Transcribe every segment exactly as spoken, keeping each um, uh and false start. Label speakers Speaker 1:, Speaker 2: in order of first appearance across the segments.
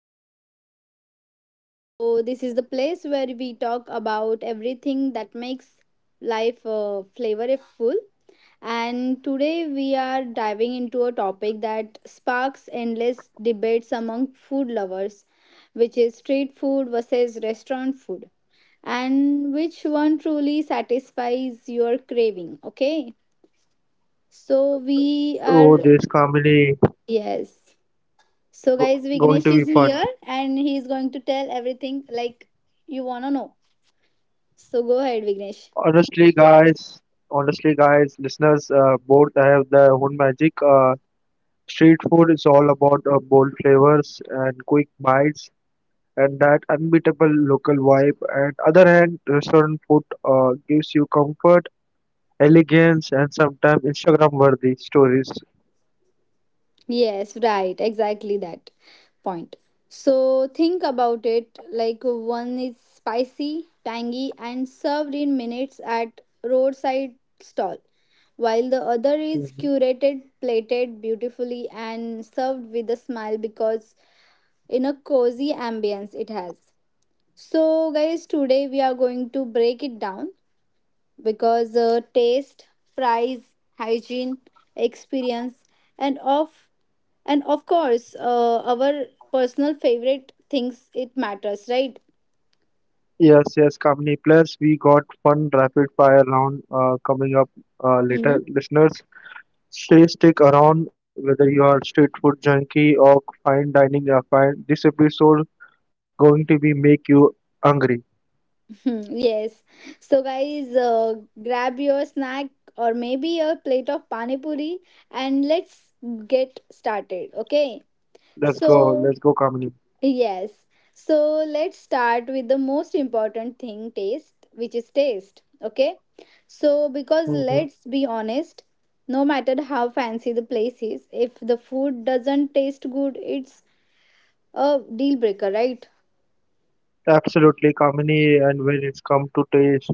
Speaker 1: our podcast. So, this is the place where we talk about everything that makes life uh, flavorful. And today we are diving into a topic that sparks endless debates among food lovers, which is street food versus restaurant food, and which one truly satisfies your craving. Okay, so we
Speaker 2: Oh, this
Speaker 1: are,
Speaker 2: comedy
Speaker 1: yes. So,
Speaker 2: go-
Speaker 1: guys,
Speaker 2: going
Speaker 1: Vignesh
Speaker 2: to be
Speaker 1: is
Speaker 2: fun.
Speaker 1: here and he is going to tell everything like you want to know. So, go ahead, Vignesh.
Speaker 2: Honestly, guys, Honestly, guys, listeners, uh, both have their own magic. Uh, street food is all about uh, bold flavors and quick bites and that unbeatable local vibe. And other hand, restaurant food uh, gives you comfort, elegance, and sometimes Instagram-worthy stories.
Speaker 1: Yes, right, exactly that point. So, think about it like one is spicy, tangy, and served in minutes at roadside stall, while the other is
Speaker 2: Mhm.
Speaker 1: curated, plated beautifully, and served with a smile because in a cozy ambience it has. So, guys, today we are going to break it down because uh, taste, price, hygiene, experience, and of and of course uh, our personal favorite things it matters, right?
Speaker 2: Yes, yes, Kamini. Plus, we got fun rapid fire round uh, coming up uh,
Speaker 1: Hmm.
Speaker 2: later, listeners. Stay stick around whether you are street food junkie or fine dining fan. This episode going to be make you hungry.
Speaker 1: Hmm, yes. So, guys, uh, grab your snack or maybe a plate of pani puri and let's get started. Okay.
Speaker 2: Let's go. Let's
Speaker 1: So,
Speaker 2: go, Kamini.
Speaker 1: yes. So let's start with the most important thing taste, which is taste. Okay. So, because
Speaker 2: Hmm
Speaker 1: let's be honest, no matter how fancy the place is, if the food doesn't taste good, it's a deal breaker, right?
Speaker 2: Absolutely, Kamini. And when it's come to taste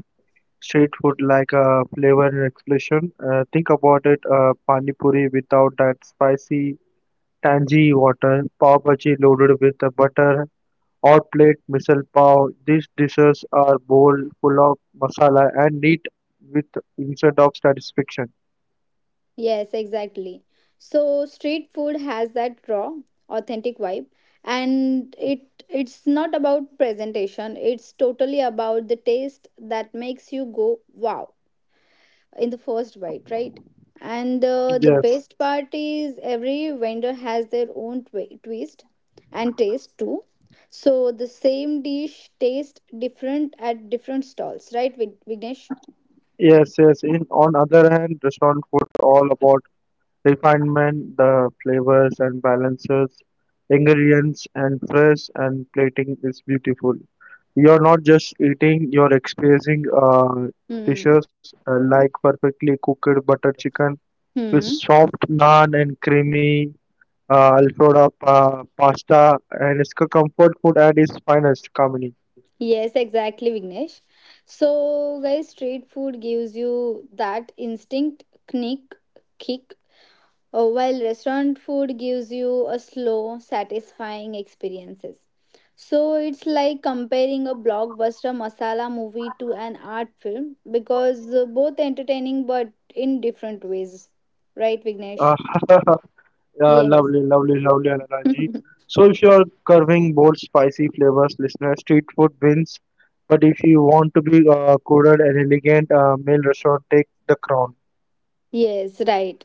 Speaker 2: street food like a flavor and expression, uh, think about it. Uh, pani puri without that spicy, tangy water, pav bhaji loaded with the butter, hot plate Misal Pav. These dishes are bold, full of masala and neat with instead of satisfaction.
Speaker 1: Yes, exactly. So, street food has that raw, authentic vibe, and it it's not about presentation, it's totally about the taste that makes you go wow in the first bite, right? And uh, the
Speaker 2: Yes,
Speaker 1: best part is every vendor has their own twi- twist and taste too. So the same dish tastes different at different stalls, right, Vig- Vignesh?
Speaker 2: yes, yes. In on other hand, restaurant food all about refinement, the flavors and balances, ingredients and fresh and plating is beautiful. You're not just eating, you're experiencing uh,
Speaker 1: Hmm.
Speaker 2: dishes uh, like perfectly cooked butter chicken with
Speaker 1: Hmm.
Speaker 2: soft naan and creamy Uh, Alfredo uh, pasta, and it's co- comfort food at its finest, Kamini.
Speaker 1: Yes, exactly, Vignesh. So, guys, street food gives you that instinct, knick, kick. Uh, while restaurant food gives you a slow, satisfying experiences. So it's like comparing a blockbuster masala movie to an art film because uh, both entertaining but in different ways. Right, Vignesh?
Speaker 2: Uh, uh,
Speaker 1: Yes.
Speaker 2: lovely, lovely, lovely analogy. So if you are curving bold, spicy flavors, listener, street food wins. But if you want to be uh, coded and elegant, uh, meal restaurant take the crown.
Speaker 1: Yes, right.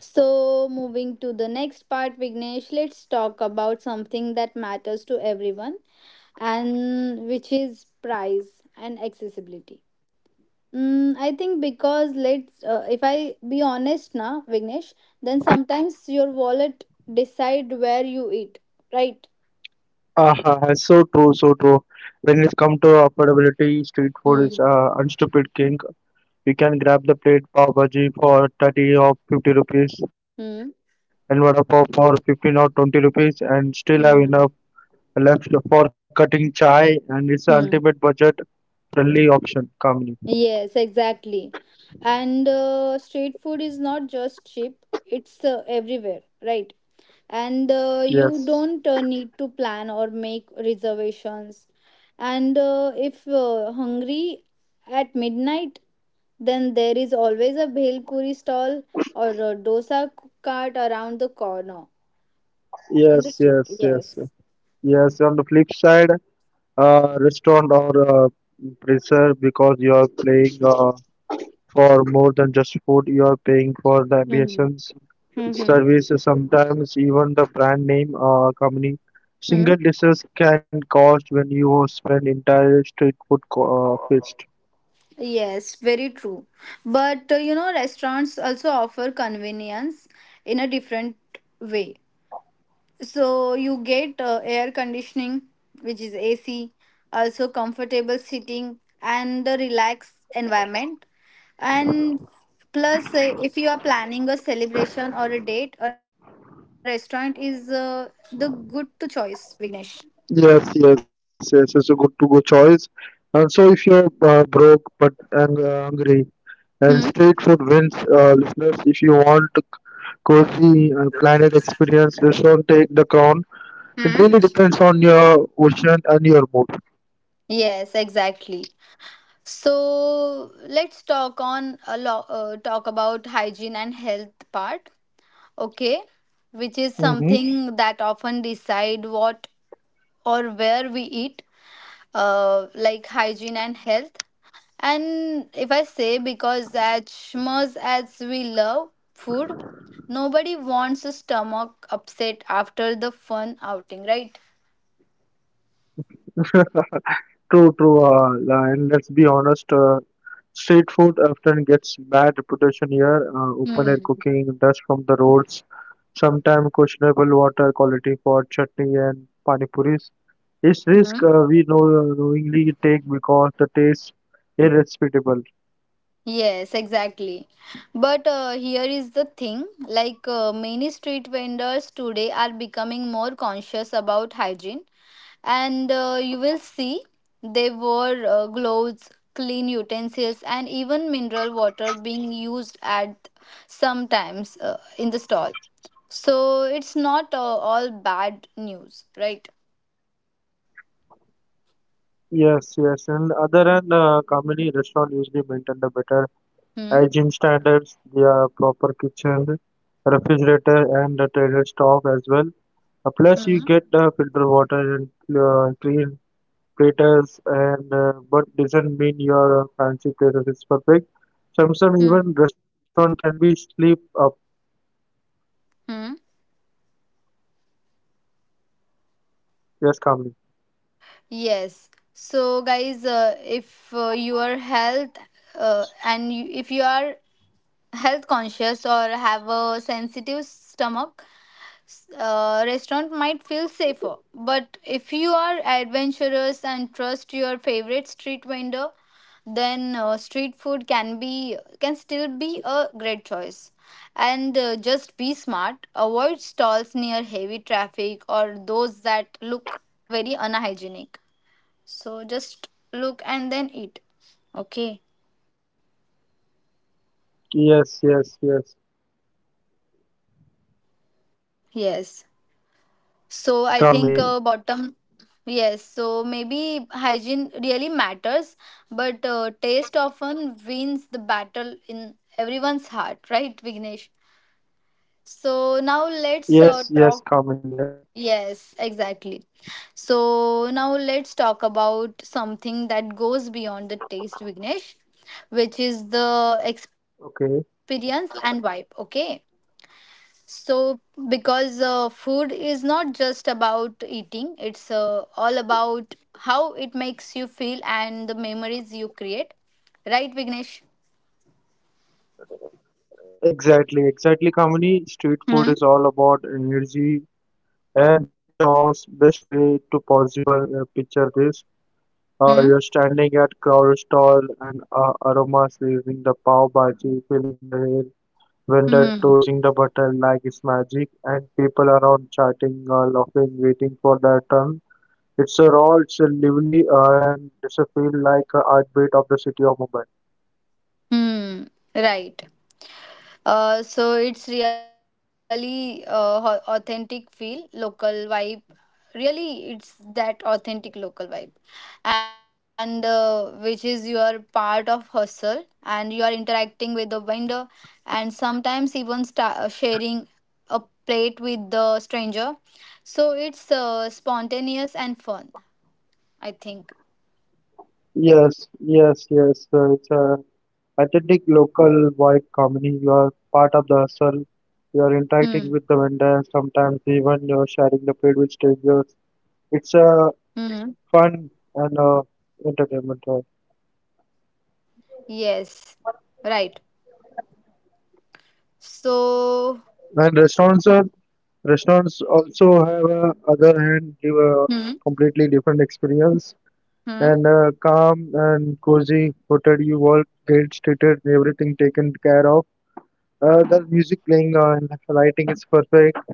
Speaker 1: So, moving to the next part, Vignesh, let's talk about something that matters to everyone and which is price and accessibility. Mm, I think because let's uh, if I be honest now, Vignesh, then sometimes your wallet decide where you eat, right?
Speaker 2: Uh, so true, so true. When it comes to affordability, street food is
Speaker 1: Mm.
Speaker 2: uh, unstupid king. You can grab the plate pav bhaji for thirty or fifty rupees and
Speaker 1: Mm.
Speaker 2: vada pav for fifteen or twenty rupees and still have enough
Speaker 1: Mm.
Speaker 2: left for cutting chai, and it's the ultimate budget
Speaker 1: Mm.
Speaker 2: friendly option, Kamini.
Speaker 1: Yes, exactly. And uh, street food is not just cheap; it's uh, everywhere, right? And uh,
Speaker 2: Yes,
Speaker 1: you don't uh, need to plan or make reservations. And uh, if uh, hungry at midnight, then there is always a bhel puri stall or a dosa cart around the corner in
Speaker 2: yes,
Speaker 1: the street.
Speaker 2: yes, yes.
Speaker 1: Yes.
Speaker 2: Yes, on the flip side, uh, restaurant or uh, preserve because you are paying uh, for more than just food, you are paying for the
Speaker 1: Mm-hmm.
Speaker 2: ambience
Speaker 1: Mm-hmm.
Speaker 2: service, sometimes even the brand name uh, company.
Speaker 1: Hmm.
Speaker 2: Single dishes can cost when you spend entire street food co- uh, feast.
Speaker 1: Yes, very true. But uh, you know, restaurants also offer convenience in a different way. So you get uh, air conditioning, which is A C, also comfortable seating and a relaxed environment. And plus, uh, if you are planning a celebration or a date, a restaurant is uh, the good to choice, Vignesh.
Speaker 2: Yes, yes, yes. It's a good to go choice. And so, if you're uh, broke but ang- uh, hungry, and
Speaker 1: Hmm?
Speaker 2: street food wins, uh, listeners. If you want cozy and planet experience, this one take the crown.
Speaker 1: Hmm?
Speaker 2: It really depends on your ocean and your mood.
Speaker 1: Yes, exactly. So let's talk on a lot. Uh, talk about hygiene and health part. Okay, which is
Speaker 2: Mm-hmm.
Speaker 1: something that often decide what or where we eat, uh, like hygiene and health. And if I say, because as much as we love food, nobody wants a stomach upset after the fun outing, right?
Speaker 2: True, true. Uh, and let's be honest, uh, street food often gets bad reputation here. Uh, open air
Speaker 1: Hmm.
Speaker 2: cooking, dust from the roads, sometimes questionable water quality for chutney and pani puris.
Speaker 1: Hmm.
Speaker 2: It's risk uh, we know knowingly take because the taste irrespectable.
Speaker 1: Yes, exactly. But uh, here is the thing like, uh, many street vendors today are becoming more conscious about hygiene and uh, you will see they wore uh, gloves clean utensils and even mineral water being used at sometimes uh, in the stall, so it's not uh, all bad news, right?
Speaker 2: Yes, yes. And other than uh, company restaurant usually maintain the better
Speaker 1: Hmm.
Speaker 2: hygiene standards, their proper kitchen, refrigerator, and the trailer stock as well. Uh, plus, you
Speaker 1: Hmm.
Speaker 2: get uh, filter water and uh, clean platters, and uh, but doesn't mean your uh, fancy places is perfect. Some
Speaker 1: Hmm.
Speaker 2: some even restaurant can be sleep up.
Speaker 1: Hmm.
Speaker 2: Yes, calmly.
Speaker 1: Yes. So, guys, uh, if uh, your health uh, and you, if you are health conscious or have a sensitive stomach, uh, restaurant might feel safer. But if you are adventurous and trust your favorite street vendor, then uh, street food can be can still be a great choice. And uh, just be smart. Avoid stalls near heavy traffic or those that look very unhygienic. So just look and then eat. Okay.
Speaker 2: Yes, yes, yes.
Speaker 1: Yes. So I think uh,
Speaker 2: Yes,
Speaker 1: bottom
Speaker 2: Kamini.
Speaker 1: yes. So maybe hygiene really matters, but uh, taste often wins the battle in everyone's heart, right, Vignesh? So now let's uh,
Speaker 2: Yes, yes,
Speaker 1: talk.
Speaker 2: Kamini. Yes.
Speaker 1: Yes, exactly. So now let's talk about something that goes beyond the taste, Vignesh, which is the experience and vibe.
Speaker 2: Okay.
Speaker 1: Okay. So, because uh, food is not just about eating, it's uh, all about how it makes you feel and the memories you create. Right, Vignesh?
Speaker 2: Exactly, exactly, Kamini. Street food
Speaker 1: Hmm?
Speaker 2: is all about energy and chores. Best way to possible uh, picture this. Uh,
Speaker 1: Hmm?
Speaker 2: you're standing at crowd stall and uh, aromas leaving the pav bhaji, filling the air,
Speaker 1: Hmm.
Speaker 2: vendor tossing the butter like it's magic, and people around chatting, uh, laughing, waiting for their turn. It's a raw, it's a lively, uh, and it's a feel like a heartbeat of the city of Mumbai.
Speaker 1: Hmm. Right. Uh, so it's really uh, au- authentic feel, local vibe. Really, it's that authentic local vibe, and uh, which is you are part of hustle and you are interacting with the vendor, and sometimes even sta- uh, sharing a plate with the stranger. So it's uh, spontaneous and fun, I think.
Speaker 2: Yes, yes, yes. uh, It's a authentic local vibe company. You are part of the hustle. You are
Speaker 1: Hmm.
Speaker 2: interacting with the vendors. Sometimes even you are sharing the plate with strangers. It's
Speaker 1: Mm-hmm.
Speaker 2: a fun and uh, entertainment. uh,
Speaker 1: Yes. Right. So.
Speaker 2: And restaurants, are, restaurants also have a other hand give a
Speaker 1: Hmm.
Speaker 2: completely different experience
Speaker 1: Hmm.
Speaker 2: and uh, calm and cozy hotel. You all get treated, and everything taken care of. Uh, the music playing uh, and lighting is perfect.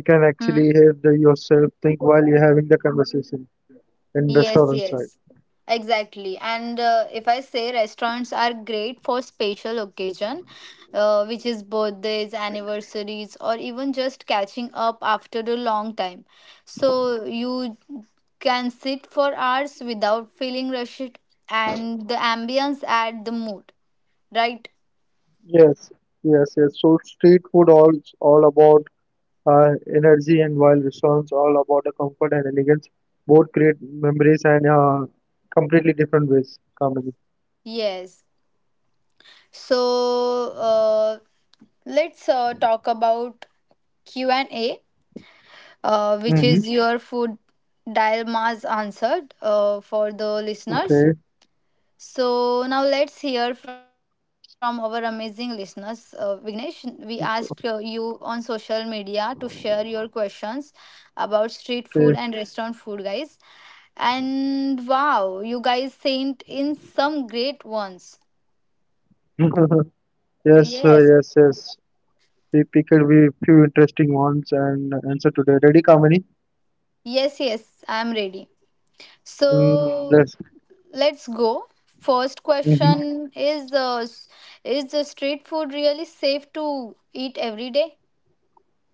Speaker 2: You can
Speaker 1: Hmm.
Speaker 2: actually have the yourself think while you're having the conversation in
Speaker 1: Yes,
Speaker 2: restaurant
Speaker 1: yes,
Speaker 2: side.
Speaker 1: exactly. And uh, if I say restaurants are great for special occasion, uh, which is birthdays, anniversaries, or even just catching up after a long time. So you can sit for hours without feeling rushed, and the ambience add the mood, right?
Speaker 2: Yes, yes, yes. So street food all all about her energy and while songs, all about the comfort and elegance, both create memories and uh, completely different ways. Comedy.
Speaker 1: Yes. So uh, let's uh, talk about Q and A, uh, which
Speaker 2: Mm-hmm.
Speaker 1: is your food dilemmas answered uh, for the listeners.
Speaker 2: Okay.
Speaker 1: So now let's hear from our amazing listeners. Uh, Vignesh, we asked uh, you on social media to share your questions about street food and restaurant food, guys. And wow, you guys sent in some great ones.
Speaker 2: Okay. Yes, uh,
Speaker 1: Yes,
Speaker 2: yes, yes. We picked a wee- few interesting ones and answer today. Ready, Kamini?
Speaker 1: yes, yes, I'm ready.
Speaker 2: Mm,
Speaker 1: So,
Speaker 2: yes.
Speaker 1: let's go. First
Speaker 2: Mm-hmm.
Speaker 1: question is uh, s- is the street food really safe to eat every day?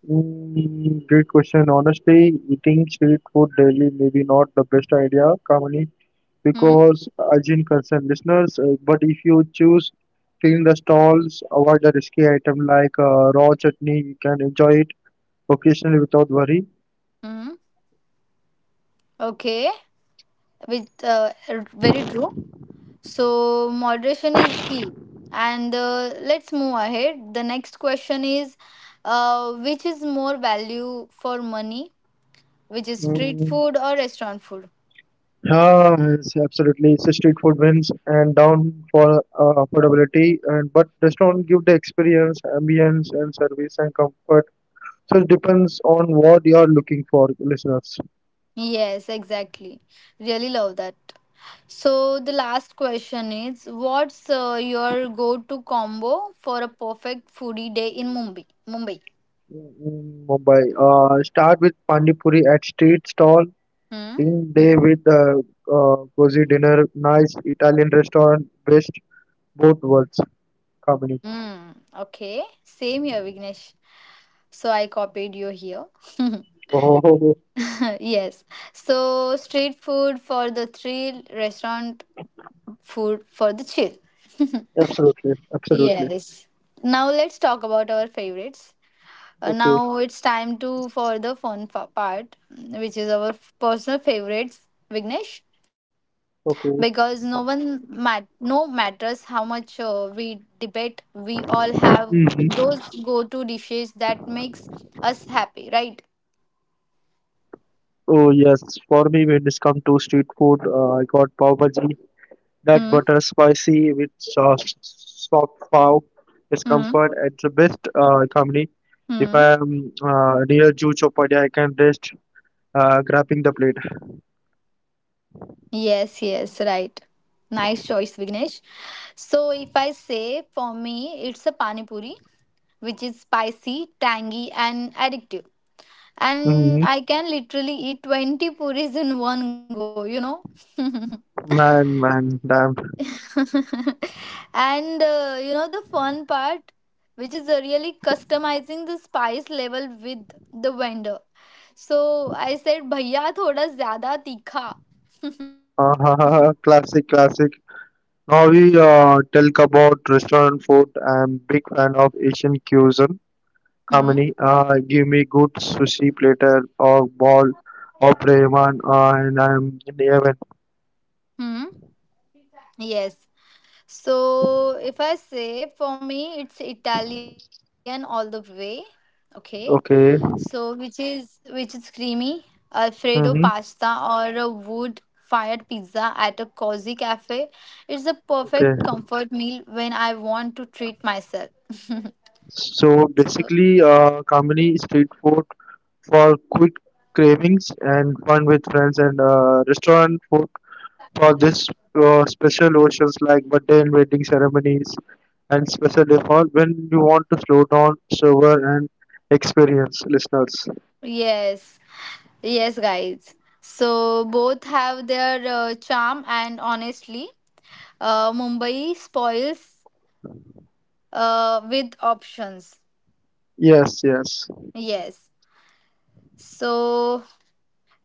Speaker 2: Mm, great question. Honestly, eating street food daily maybe not the best idea, Kamini,
Speaker 1: Hmm.
Speaker 2: because hygiene concern listeners. Uh, but if you choose clean the stalls, avoid the risky item like uh, raw chutney, you can enjoy it occasionally without worry.
Speaker 1: Hmm. Okay. With uh, r- very true. So moderation is key. And uh, let's move ahead. The next question is, uh, which is more value for money, which is street
Speaker 2: Mm,
Speaker 1: food or restaurant food?
Speaker 2: ah, yes, absolutely. It's a street food wins and down for uh, affordability, and but restaurant give the experience, ambience, and service and comfort. So it depends on what you are looking for, listeners.
Speaker 1: Yes, exactly. Really love that. So the last question is, what's uh, your go-to combo for a perfect foodie day in Mumbai? Mumbai.
Speaker 2: Mm, mm, Mumbai. Uh, start with Pani Puri at street stall
Speaker 1: Hmm.
Speaker 2: in day with a uh, cozy dinner, nice Italian restaurant, best both worlds. Kamini.
Speaker 1: Hmm. Okay. Same here, Vignesh. So I copied you here.
Speaker 2: Oh, oh, oh,
Speaker 1: Yes. So street food for the thrill, restaurant food for the chill.
Speaker 2: absolutely, absolutely.
Speaker 1: Yes. Now let's talk about our favorites. Uh, now it's
Speaker 2: Okay,
Speaker 1: time to for the fun fa- part, which is our f- personal favorites, Vignesh. Because no one
Speaker 2: okay.
Speaker 1: mat no matters how much uh, we debate, we all have those go-to
Speaker 2: hmm
Speaker 1: dishes that makes us happy, right?
Speaker 2: Oh yes, for me when it's come to street food, uh, I got pav bhaji, that
Speaker 1: Hmm.
Speaker 2: butter spicy with sauce, soft pav, is comfort. It's
Speaker 1: Hmm.
Speaker 2: the best uh, company. If I
Speaker 1: Hmm.
Speaker 2: am uh, near Juhu Chowpadia, I can rest uh, grabbing the plate.
Speaker 1: Yes. Yes. Right. Nice choice, Vignesh. So if I say for me, it's a pani puri, which is spicy, tangy, and addictive,
Speaker 2: Hmm
Speaker 1: and I can literally eat twenty puris in one go, you know. And
Speaker 2: Man, man, damn.
Speaker 1: uh, you know the fun part, which is uh, really customizing the spice level with the vendor. So I said, "Bhaiya, thoda zyada tikha."
Speaker 2: Uh, classic, classic. Now we uh, talk about restaurant food. I'm big fan of Asian cuisine.
Speaker 1: Hmm.
Speaker 2: Kamini, uh, give me good sushi platter or ball or ramen, uh, and I'm in heaven.
Speaker 1: Hmm. Yes. So if I say for me, it's Italian all the way. Okay. So,
Speaker 2: Okay.
Speaker 1: which is which is creamy Alfredo pasta
Speaker 2: Mm-hmm.
Speaker 1: or a wood-fired pizza at a cozy cafe. It's a perfect
Speaker 2: Okay.
Speaker 1: comfort meal when I want to treat myself.
Speaker 2: So
Speaker 1: So,
Speaker 2: basically, uh, Kamini street food for quick cravings and fun with friends and uh, restaurant food for this, uh, special occasions like birthday and wedding ceremonies and special default when you want to slow down, sober, and experience listeners.
Speaker 1: yes, yes, guys. So both have their uh, charm, and honestly, uh, Mumbai spoils uh, with options.
Speaker 2: Yes, yes.
Speaker 1: Yes. So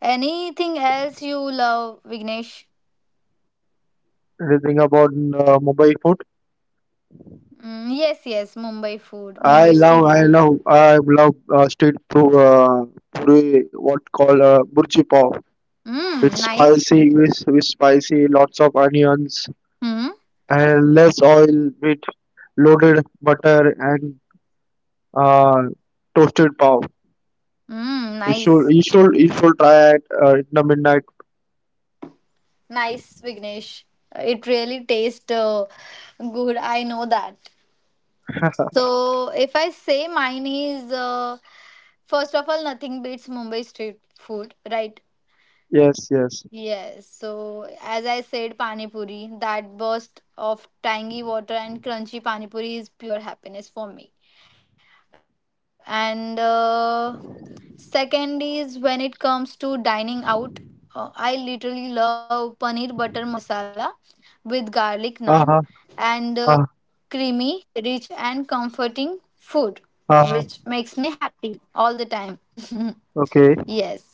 Speaker 1: anything else you love, Vignesh?
Speaker 2: Anything about uh, Mumbai food?
Speaker 1: Mm, yes, yes, Mumbai food,
Speaker 2: I
Speaker 1: Mumbai
Speaker 2: love,
Speaker 1: street
Speaker 2: I
Speaker 1: food.
Speaker 2: love, I love uh, street food. Uh, puri, what call uh, burji pav.
Speaker 1: Mm,
Speaker 2: It's
Speaker 1: nice.
Speaker 2: spicy, with, with spicy, lots of onions,
Speaker 1: Mm,
Speaker 2: and less oil with loaded butter and uh, toasted pav.
Speaker 1: mm,
Speaker 2: You should,
Speaker 1: nice.
Speaker 2: you should, you should try at uh, in the midnight.
Speaker 1: Nice, Vignesh. It really tastes uh, good. I know that. So, if I say mine is, uh, first of all, nothing beats Mumbai street food, right?
Speaker 2: Yes, yes.
Speaker 1: Yes. So, as I said, Pani Puri, that burst of tangy water and crunchy Pani Puri is pure happiness for me. And uh, second is when it comes to dining out, uh, I literally love paneer butter masala with garlic naan
Speaker 2: Uh-huh,
Speaker 1: and uh,
Speaker 2: uh, huh.
Speaker 1: creamy, rich and comforting food
Speaker 2: uh, huh.
Speaker 1: which makes me happy all the time.
Speaker 2: Okay.
Speaker 1: Yes,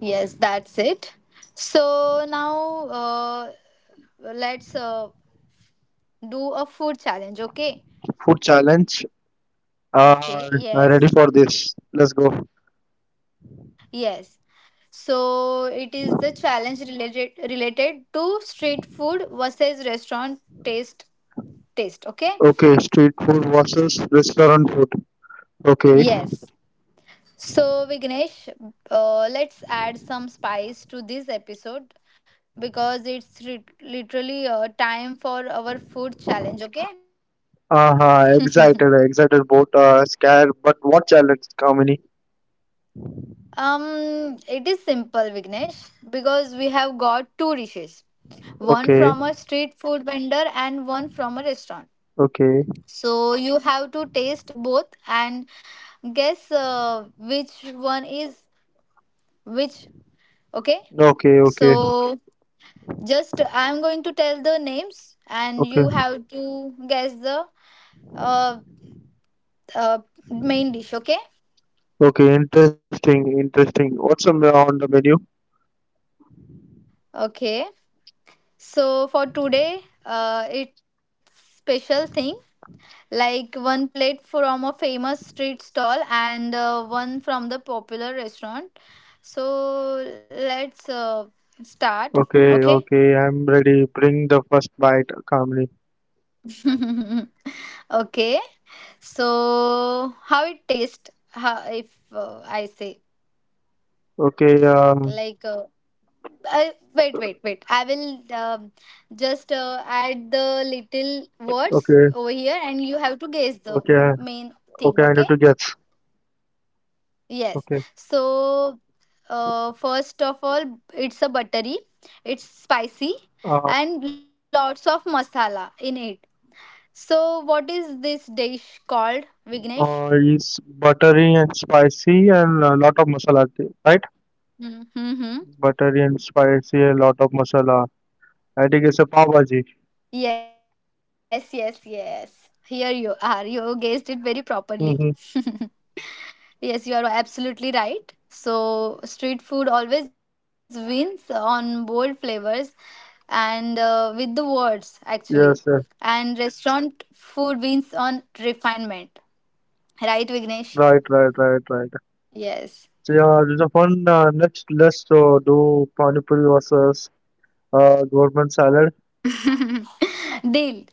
Speaker 1: yes, that's it. So now uh, let's uh, do a food challenge, okay?
Speaker 2: Food challenge.
Speaker 1: Okay,
Speaker 2: Uh, I'm
Speaker 1: yes,
Speaker 2: ready for this. Let's go.
Speaker 1: yes. So it is the challenge related related to street food versus restaurant taste taste. Okay.
Speaker 2: Okay, street food versus restaurant food. Okay.
Speaker 1: Yes. So Vignesh, uh, let's add some spice to this episode because it's ri- literally uh, time for our food challenge. Okay.
Speaker 2: Uh-huh, excited, excited both. Uh, scared, but what challenge, Kamini?
Speaker 1: Um, it is simple, Vignesh, because we have got two dishes, one
Speaker 2: Okay,
Speaker 1: from a street food vendor and one from a restaurant.
Speaker 2: okay,
Speaker 1: So you have to taste both and guess uh, which one is which. Okay.
Speaker 2: okay, okay,
Speaker 1: So just I'm going to tell the names
Speaker 2: okay,
Speaker 1: and you have to guess the uh, uh, main dish. Okay.
Speaker 2: okay. Interesting, interesting. What's on the on the menu?
Speaker 1: Okay. So for today, uh, it's special thing, like one plate from a famous street stall and uh, one from the popular restaurant, so let's uh, start.
Speaker 2: Okay,
Speaker 1: Okay.
Speaker 2: okay, I'm ready. Bring the first bite, Kamini.
Speaker 1: Okay. So how it tastes how, if uh, I say
Speaker 2: Okay, um,
Speaker 1: like uh, I, wait wait wait, I will um, just uh, add the little words
Speaker 2: okay,
Speaker 1: over here and you have to guess the
Speaker 2: okay,
Speaker 1: main thing,
Speaker 2: okay, I need
Speaker 1: okay?
Speaker 2: to guess.
Speaker 1: Yes.
Speaker 2: Okay.
Speaker 1: So, uh, first of all, it's a buttery, it's spicy,
Speaker 2: Uh,
Speaker 1: and lots of masala in it. So, what is this dish called,
Speaker 2: uh,
Speaker 1: Vignesh?
Speaker 2: is buttery and spicy and a lot of masala, thi- right?
Speaker 1: Mm-hmm.
Speaker 2: Buttery and spicy, a lot of masala. I think it's a pav bhaji.
Speaker 1: Yes, yes, yes. Here you are. You guessed it very properly.
Speaker 2: Mm-hmm.
Speaker 1: Yes, you are absolutely right. So, street food always wins on bold flavors and uh, with the words, actually.
Speaker 2: Yes, yes.
Speaker 1: And restaurant food wins on refinement. Right,
Speaker 2: Right,
Speaker 1: Vignesh?
Speaker 2: right, right, right. So
Speaker 1: Yes.
Speaker 2: yeah, this is a fun. Uh, next, let's uh, do pani puri versus uh, government salad.
Speaker 1: Deal.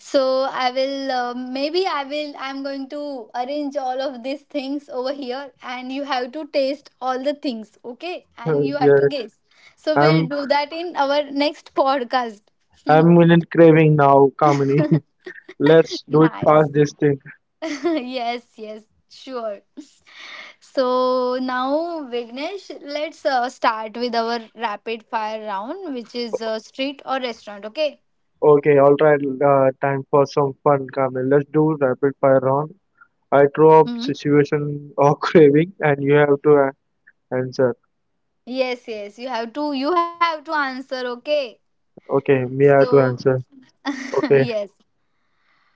Speaker 1: So, I will, uh, maybe I will, I'm going to arrange all of these things over here and you have to taste all the things, okay?
Speaker 2: Uh,
Speaker 1: And you have to
Speaker 2: yeah,
Speaker 1: guess. So, we'll
Speaker 2: I'm
Speaker 1: do that in our next podcast.
Speaker 2: I'm in craving now, Kamini. Let's do it
Speaker 1: Nice.
Speaker 2: fast this thing.
Speaker 1: Yes, yes, sure. So now, Vignesh, let's uh, start with our rapid fire round, which is uh, street or restaurant. Okay.
Speaker 2: Okay, all right. Uh, time for some fun, Kamil. Let's do rapid fire round. I throw up
Speaker 1: Hmm.
Speaker 2: situation or craving, and you have to a- answer.
Speaker 1: Yes, yes. You have to. You have to answer. Okay.
Speaker 2: Okay, me have to
Speaker 1: So
Speaker 2: answer. Okay.
Speaker 1: yes.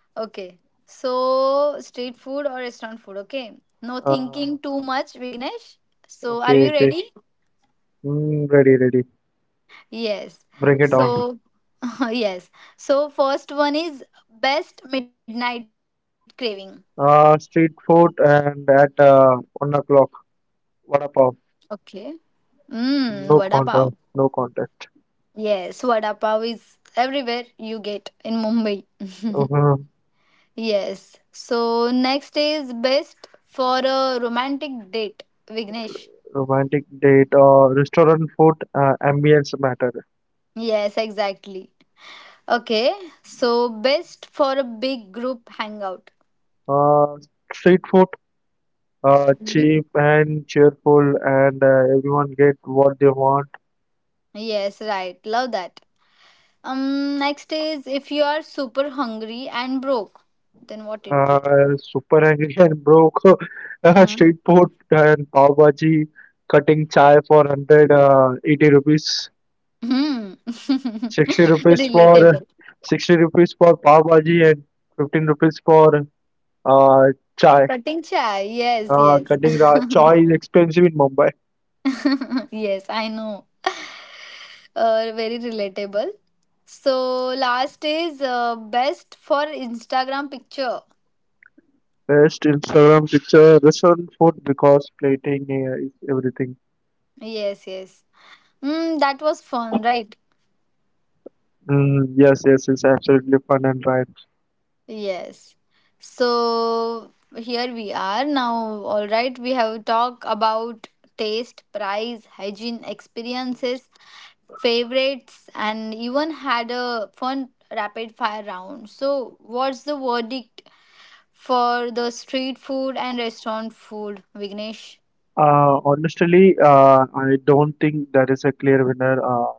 Speaker 1: Okay. So street food or restaurant food. Okay. No
Speaker 2: Uh,
Speaker 1: thinking too much, Vignesh. So are
Speaker 2: okay.
Speaker 1: you
Speaker 2: Okay.
Speaker 1: ready?
Speaker 2: Mm, ready. Ready.
Speaker 1: Yes.
Speaker 2: Break it down.
Speaker 1: So, yes. So, first one is best midnight craving.
Speaker 2: Uh, street food and at uh, one o'clock. What about?
Speaker 1: Okay. Mmm, vada
Speaker 2: No
Speaker 1: pav.
Speaker 2: contest. No contest.
Speaker 1: Yes, vada pav is everywhere you get in Mumbai.
Speaker 2: Uh-huh.
Speaker 1: Yes. So, next is best for a romantic date, Vignesh.
Speaker 2: Romantic date or restaurant food. Uh, ambience matter.
Speaker 1: Yes, exactly. Okay. So, best for a big group hangout.
Speaker 2: Uh, Street food uh,
Speaker 1: Mhm.
Speaker 2: cheap and cheerful, and uh, everyone get what they want.
Speaker 1: Yes, right. Love that. Um, next is if you are super hungry and broke, then what it will?
Speaker 2: Uh, super hungry and broke. Uh,
Speaker 1: Hmm.
Speaker 2: street food and pav bhaji, cutting chai for one hundred, uh, eighty rupees,
Speaker 1: Hmm.
Speaker 2: sixty rupees for
Speaker 1: Relatable.
Speaker 2: sixty rupees for pav bhaji and fifteen rupees for uh, chai.
Speaker 1: Cutting chai. Yes,
Speaker 2: Uh,
Speaker 1: yes.
Speaker 2: cutting ra- chai is expensive in Mumbai.
Speaker 1: Yes, I know. Uh, very relatable. So last is uh, best for Instagram picture.
Speaker 2: Best Instagram picture, restaurant food because plating uh, is everything.
Speaker 1: Yes, yes. Mm, that was fun, right?
Speaker 2: Mm, yes, yes, it's absolutely fun and right.
Speaker 1: Yes. So here we are now. All right, we have talked about taste, price, hygiene, experiences, favorites, and even had a fun rapid fire round. So, what's the verdict for the street food and restaurant food, Vignesh?
Speaker 2: Uh, honestly, uh, I don't think there is a clear winner. Uh,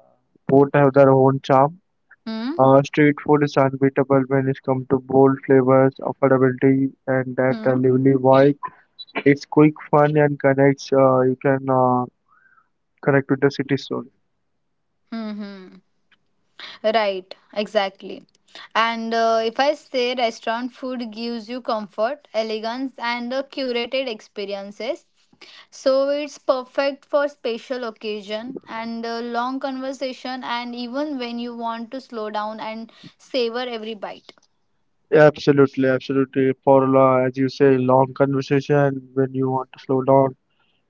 Speaker 2: Both have their own charm.
Speaker 1: Hmm.
Speaker 2: Uh, street food is unbeatable when it comes to bold flavors, affordability, and that uh,
Speaker 1: Hmm.
Speaker 2: lively vibe. It's quick, fun, and connects. Uh, you can uh, connect with the city soul.
Speaker 1: Hmm. Hmm. Right, exactly. And uh, if I say restaurant food gives you comfort, elegance, and uh, curated experiences, so it's perfect for special occasion and uh, long conversation, and even when you want to slow down and savor every bite.
Speaker 2: Absolutely, absolutely. For uh, as you say, long conversation when you want to slow down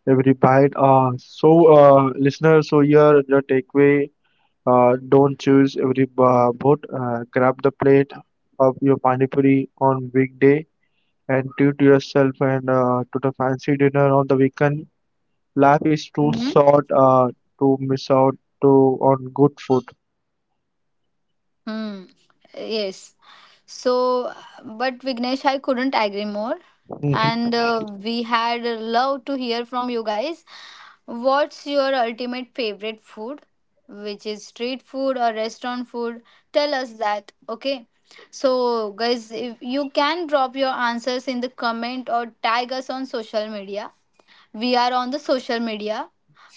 Speaker 2: every bite. Uh, so, uh, listeners, so here the takeaway. Uh, don't choose every ba- boat. Uh, grab the plate of your pani puri on weekday and treat yourself and uh, to the fancy dinner on the weekend. Life is too short uh, to miss out to on good food.
Speaker 1: Hmm. Yes. So, but Vignesh, I couldn't agree more. And
Speaker 2: Mhm.
Speaker 1: uh, we had loved to hear from you guys. What's your ultimate favorite food, which is street food or restaurant food? Tell us that, okay? So, guys, if you can drop your answers in the comment or tag us on social media. We are on the social media,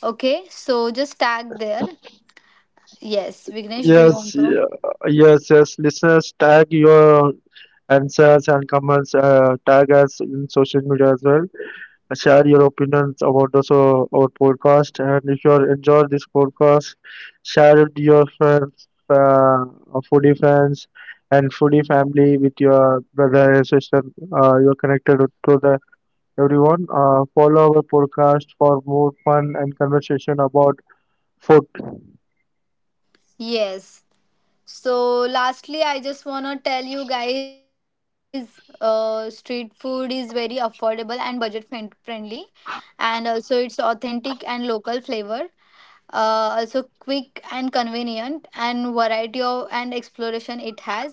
Speaker 1: okay? So, just tag there. Yes, Vignesh, do you want
Speaker 2: Yes,
Speaker 1: to?
Speaker 2: yeah, yes, yes. Listeners, tag your answers and comments. Uh, tag us in social media as well. Uh, share your opinions about this uh, our podcast. And if you are enjoy this podcast, share it to your friends, uh, uh, foodie friends, and foodie family with your brother and sister. Uh, you're connected to the everyone. Uh, follow our podcast for more fun and conversation about food.
Speaker 1: Yes. So, lastly, I just want to tell you guys uh, street food is very affordable and budget friend- friendly, and also it's authentic and local flavor. Uh, also quick and convenient and variety of and exploration it has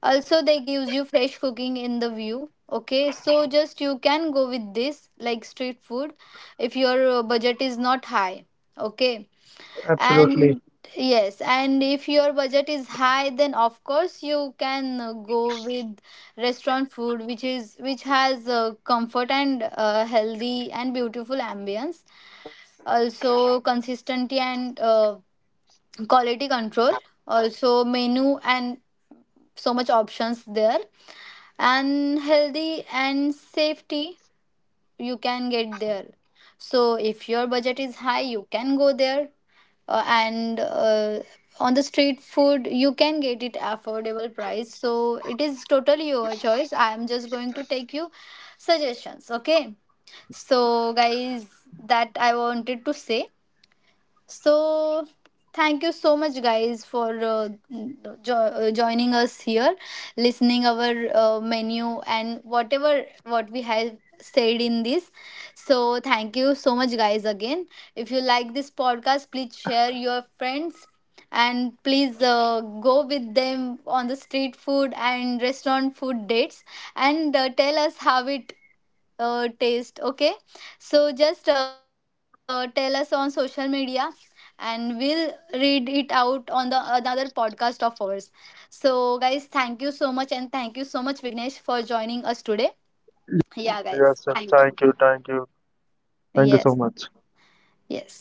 Speaker 1: also they gives you fresh cooking in the view, okay? So just you can go with this like street food if your uh, budget is not high, okay,
Speaker 2: Absolutely.
Speaker 1: and yes, and if your budget is high, then of course you can uh, go with restaurant food, which is which has uh, comfort and uh, healthy and beautiful ambience. Also, consistency and uh, quality control. Also, menu and so much options there, and healthy and safety you can get there. So if your budget is high you can go there, uh, and uh, on the street food you can get it affordable price. So it is totally your choice. I am just going to take you suggestions, okay? So guys, that I wanted to say. So, thank you so much, guys, for uh, jo- uh, joining us here, listening our uh, menu and whatever what we have said in this. So, thank you so much, guys, again. If you like this podcast, please share your friends and please uh, go with them on the street food and restaurant food dates and uh, tell us how it uh, taste, okay? So just uh, tell us on social media and we'll read it out on the another podcast of ours. So guys, thank you so much, and thank you so much Vignesh for joining us today.
Speaker 2: Yes, sir.
Speaker 1: Yeah,
Speaker 2: Thank you.
Speaker 1: guys,
Speaker 2: Thank you.
Speaker 1: thank you.
Speaker 2: Thank you so much.
Speaker 1: Yes. Yes.